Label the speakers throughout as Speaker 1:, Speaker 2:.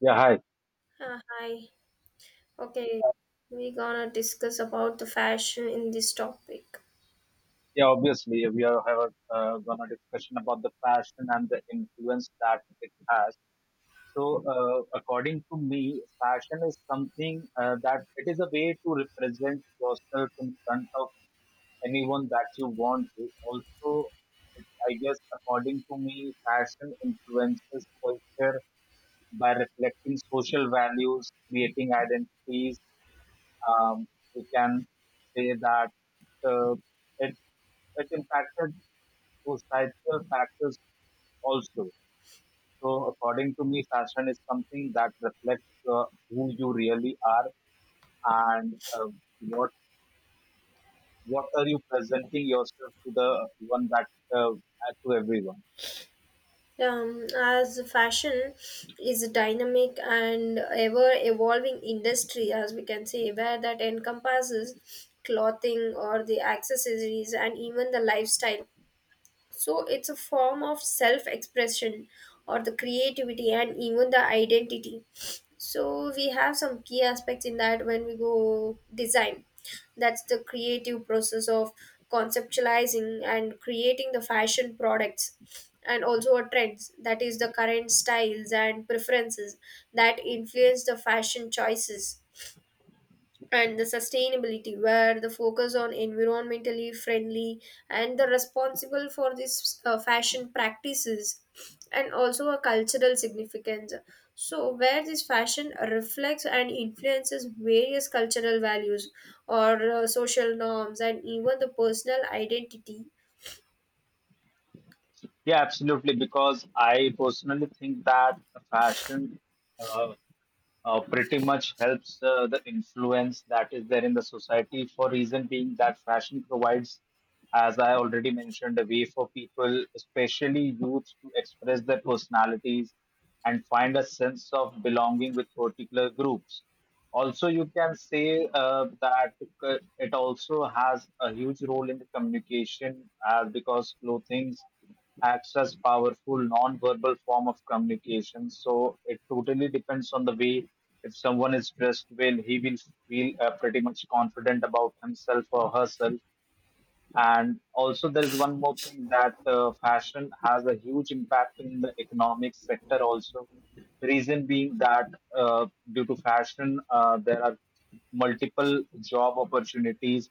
Speaker 1: Yeah, hi.
Speaker 2: Hi. Okay, we're gonna discuss about the fashion in this topic.
Speaker 1: Yeah, obviously, we are have a, gonna discussion about the fashion and the influence that it has. So, according to me, fashion is something that it is a way to represent yourself in front of anyone that you want to. Also, it, I guess, according to me, fashion influences culture by reflecting social values, creating identities. Um, you can say that uh, it it impacted societal factors also. So, according to me, fashion is something that reflects uh, who you really are and what what are you presenting yourself to the one that uh, uh, to everyone.
Speaker 2: As fashion is a dynamic and ever evolving industry, as we can say, where that encompasses clothing or the accessories and even the lifestyle. So it's a form of self expression or the creativity and even the identity. So we have some key aspects in that when we go design. That's the creative process of conceptualizing and creating the fashion products, and also a trends that is the current styles and preferences that influence the fashion choices, and the sustainability where the focus on environmentally friendly and the responsible for this fashion practices, and also a cultural significance, so where this fashion reflects and influences various cultural values or social norms and even the personal identity.
Speaker 1: Yeah, absolutely. Because I personally think that fashion uh, pretty much helps the influence that is there in the society for reason being that fashion provides as I already mentioned a way for people especially youths to express their personalities and find a sense of belonging with particular groups also, you can say that it also has a huge role in the communication because clothing acts as powerful non-verbal form of communication. So it totally depends on the way if someone is dressed well, he will feel pretty much confident about himself or herself. And also, there is one more thing that fashion has a huge impact in the economic sector also. Reason being that uh, due to fashion, there are multiple job opportunities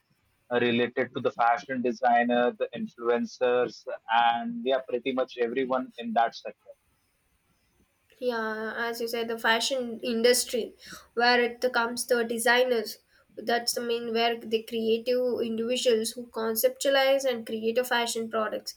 Speaker 1: related to the fashion designer, the influencers, and yeah, pretty much everyone in that sector.
Speaker 2: Yeah, as you said, the fashion industry, where it comes the designers. That's the main where the creative individuals who conceptualize and create a fashion products.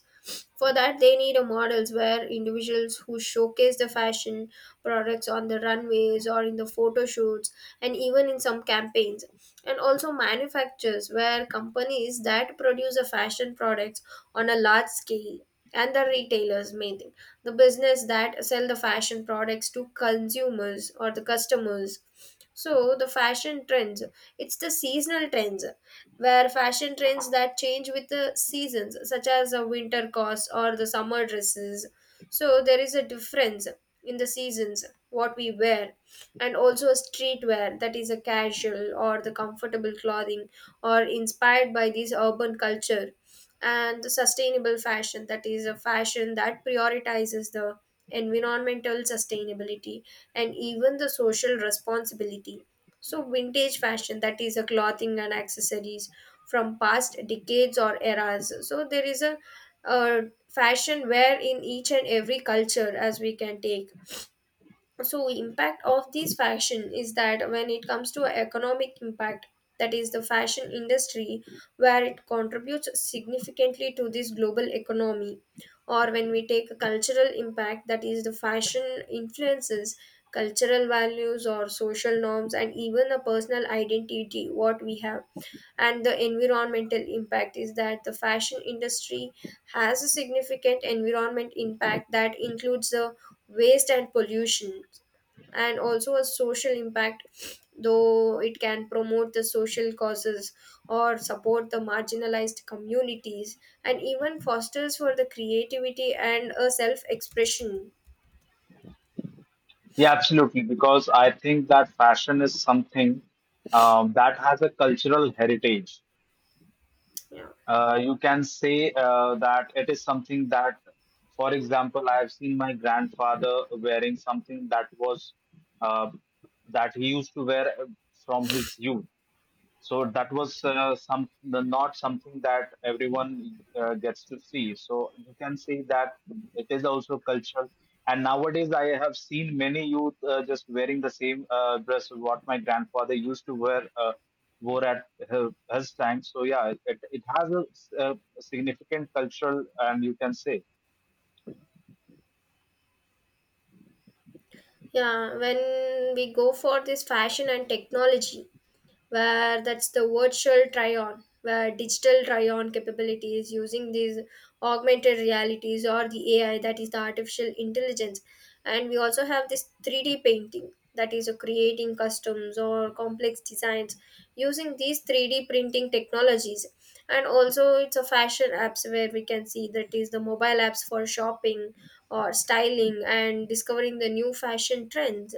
Speaker 2: For that, they need a models where individuals who showcase the fashion products on the runways or in the photo shoots and even in some campaigns, and also manufacturers where companies that produce the fashion products on a large scale, and the retailers main thing, the business that sell the fashion products to consumers or the customers. So the fashion trends, it's the seasonal trends where fashion trends that change with the seasons such as the winter costs or the summer dresses. So there is a difference in the seasons what we wear, and also a streetwear that is a casual or the comfortable clothing or inspired by this urban culture, and the sustainable fashion that is a fashion that prioritizes the environmental sustainability and even the social responsibility. So vintage fashion that is a clothing and accessories from past decades or eras. So there is a fashion wear in each and every culture as we can take. So impact of this fashion is that when it comes to economic impact, that is the fashion industry where it contributes significantly to this global economy, or when we take a cultural impact, that is the fashion influences cultural values or social norms and even a personal identity what we have. And the environmental impact is that the fashion industry has a significant environment impact that includes the waste and pollution, and also a social impact though it can promote the social causes or support the marginalized communities and even fosters for the creativity and a self expression.
Speaker 1: Yeah, absolutely. Because I think that fashion is something that has a cultural heritage.
Speaker 2: Yeah.
Speaker 1: You can say that it is something that, for example, I have seen my grandfather wearing something that was uh, that he used to wear from his youth. So that was some the, not something that everyone gets to see. So you can see that it is also cultural. And nowadays, I have seen many youth just wearing the same dress what my grandfather used to wear wore at her, his time. So yeah, it has a, a significant cultural, and you can say.
Speaker 2: Yeah, when we go for this fashion and technology, where that's the virtual try-on, where digital try-on capabilities using these augmented realities or the AI, that is the artificial intelligence. And we also have this 3D painting, that is a creating customs or complex designs using these 3D printing technologies. And also it's a fashion apps where we can see that is the mobile apps for shopping or styling and discovering the new fashion trends,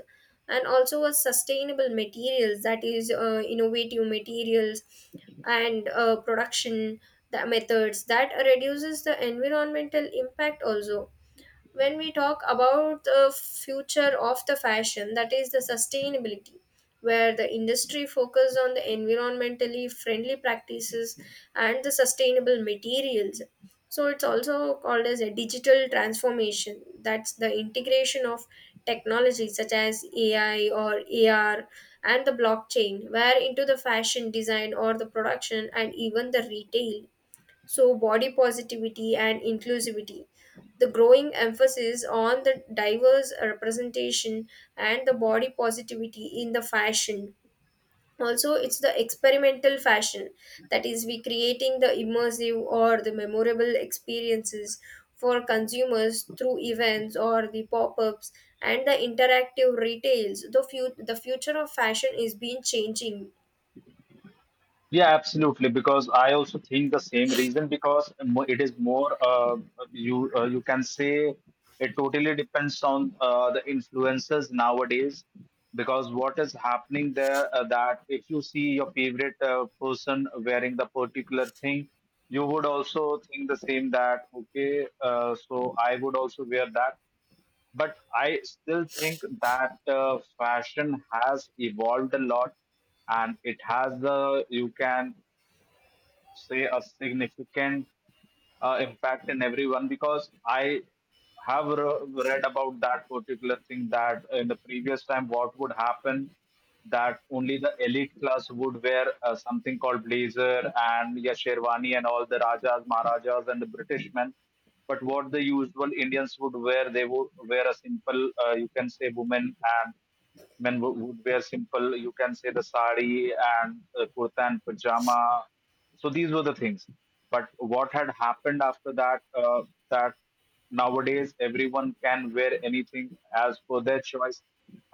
Speaker 2: and also a sustainable materials that is innovative materials and production the methods that reduces the environmental impact also. When we talk about the future of the fashion, that is the sustainability where the industry focuses on the environmentally friendly practices and the sustainable materials. So it's also called as a digital transformation, that's the integration of technologies such as AI or AR and the blockchain where into the fashion design or the production and even the retail. So, body positivity and inclusivity. The growing emphasis on the diverse representation and the body positivity in the fashion. Also, it's the experimental fashion, that is, we creating the immersive or the memorable experiences for consumers through events or the pop-ups and the interactive retails. The the future of fashion is being changing.
Speaker 1: Yeah, absolutely. Because I also think the same reason because it is more you can say it totally depends on the influencers nowadays. Because what is happening there that if you see your favorite person wearing the particular thing, you would also think the same that okay, so I would also wear that, but I still think that fashion has evolved a lot, and it has the, you can say, a significant impact in everyone because I have read about that particular thing that in the previous time what would happen, that only the elite class would wear something called blazer and yeah, sherwani and all the rajas maharajas and the british men, but what the usual indians would wear, they would wear a simple you can say women. Men would wear simple, you can say the sari and kurta and pajama. So these were the things. But what had happened after that, that nowadays everyone can wear anything as per their choice.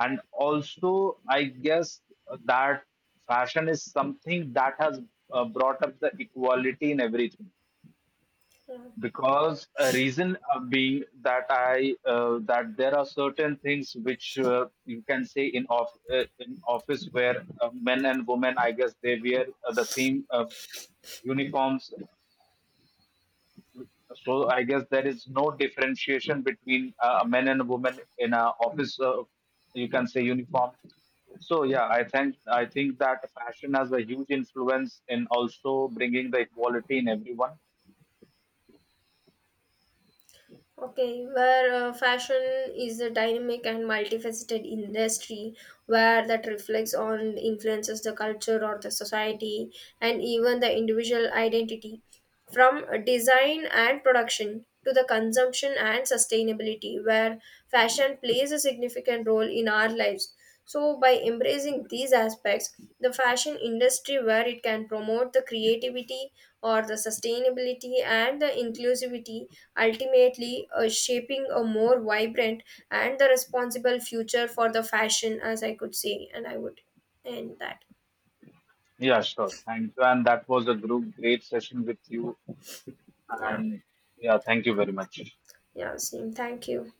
Speaker 1: And also, I guess that fashion is something that has brought up the equality in everything, because a reason being that I that there are certain things which you can say in off in office where men and women I guess they wear the same uniforms. So I guess there is no differentiation between a men and women in a office. You can say uniform. So yeah, I think that fashion has a huge influence in also bringing the equality in everyone.
Speaker 2: Okay, where fashion is a dynamic and multifaceted industry where that reflects on influences the culture or the society and even the individual identity. From design and production to the consumption and sustainability, where fashion plays a significant role in our lives. So, by embracing these aspects, the fashion industry where it can promote the creativity or the sustainability and the inclusivity, ultimately shaping a more vibrant and the responsible future for the fashion as I could say and I would end that.
Speaker 1: Yeah, sure. Thank you. And that was a group great session with you.
Speaker 2: Yeah.
Speaker 1: And yeah, thank you very much.
Speaker 2: Yeah, same, thank you.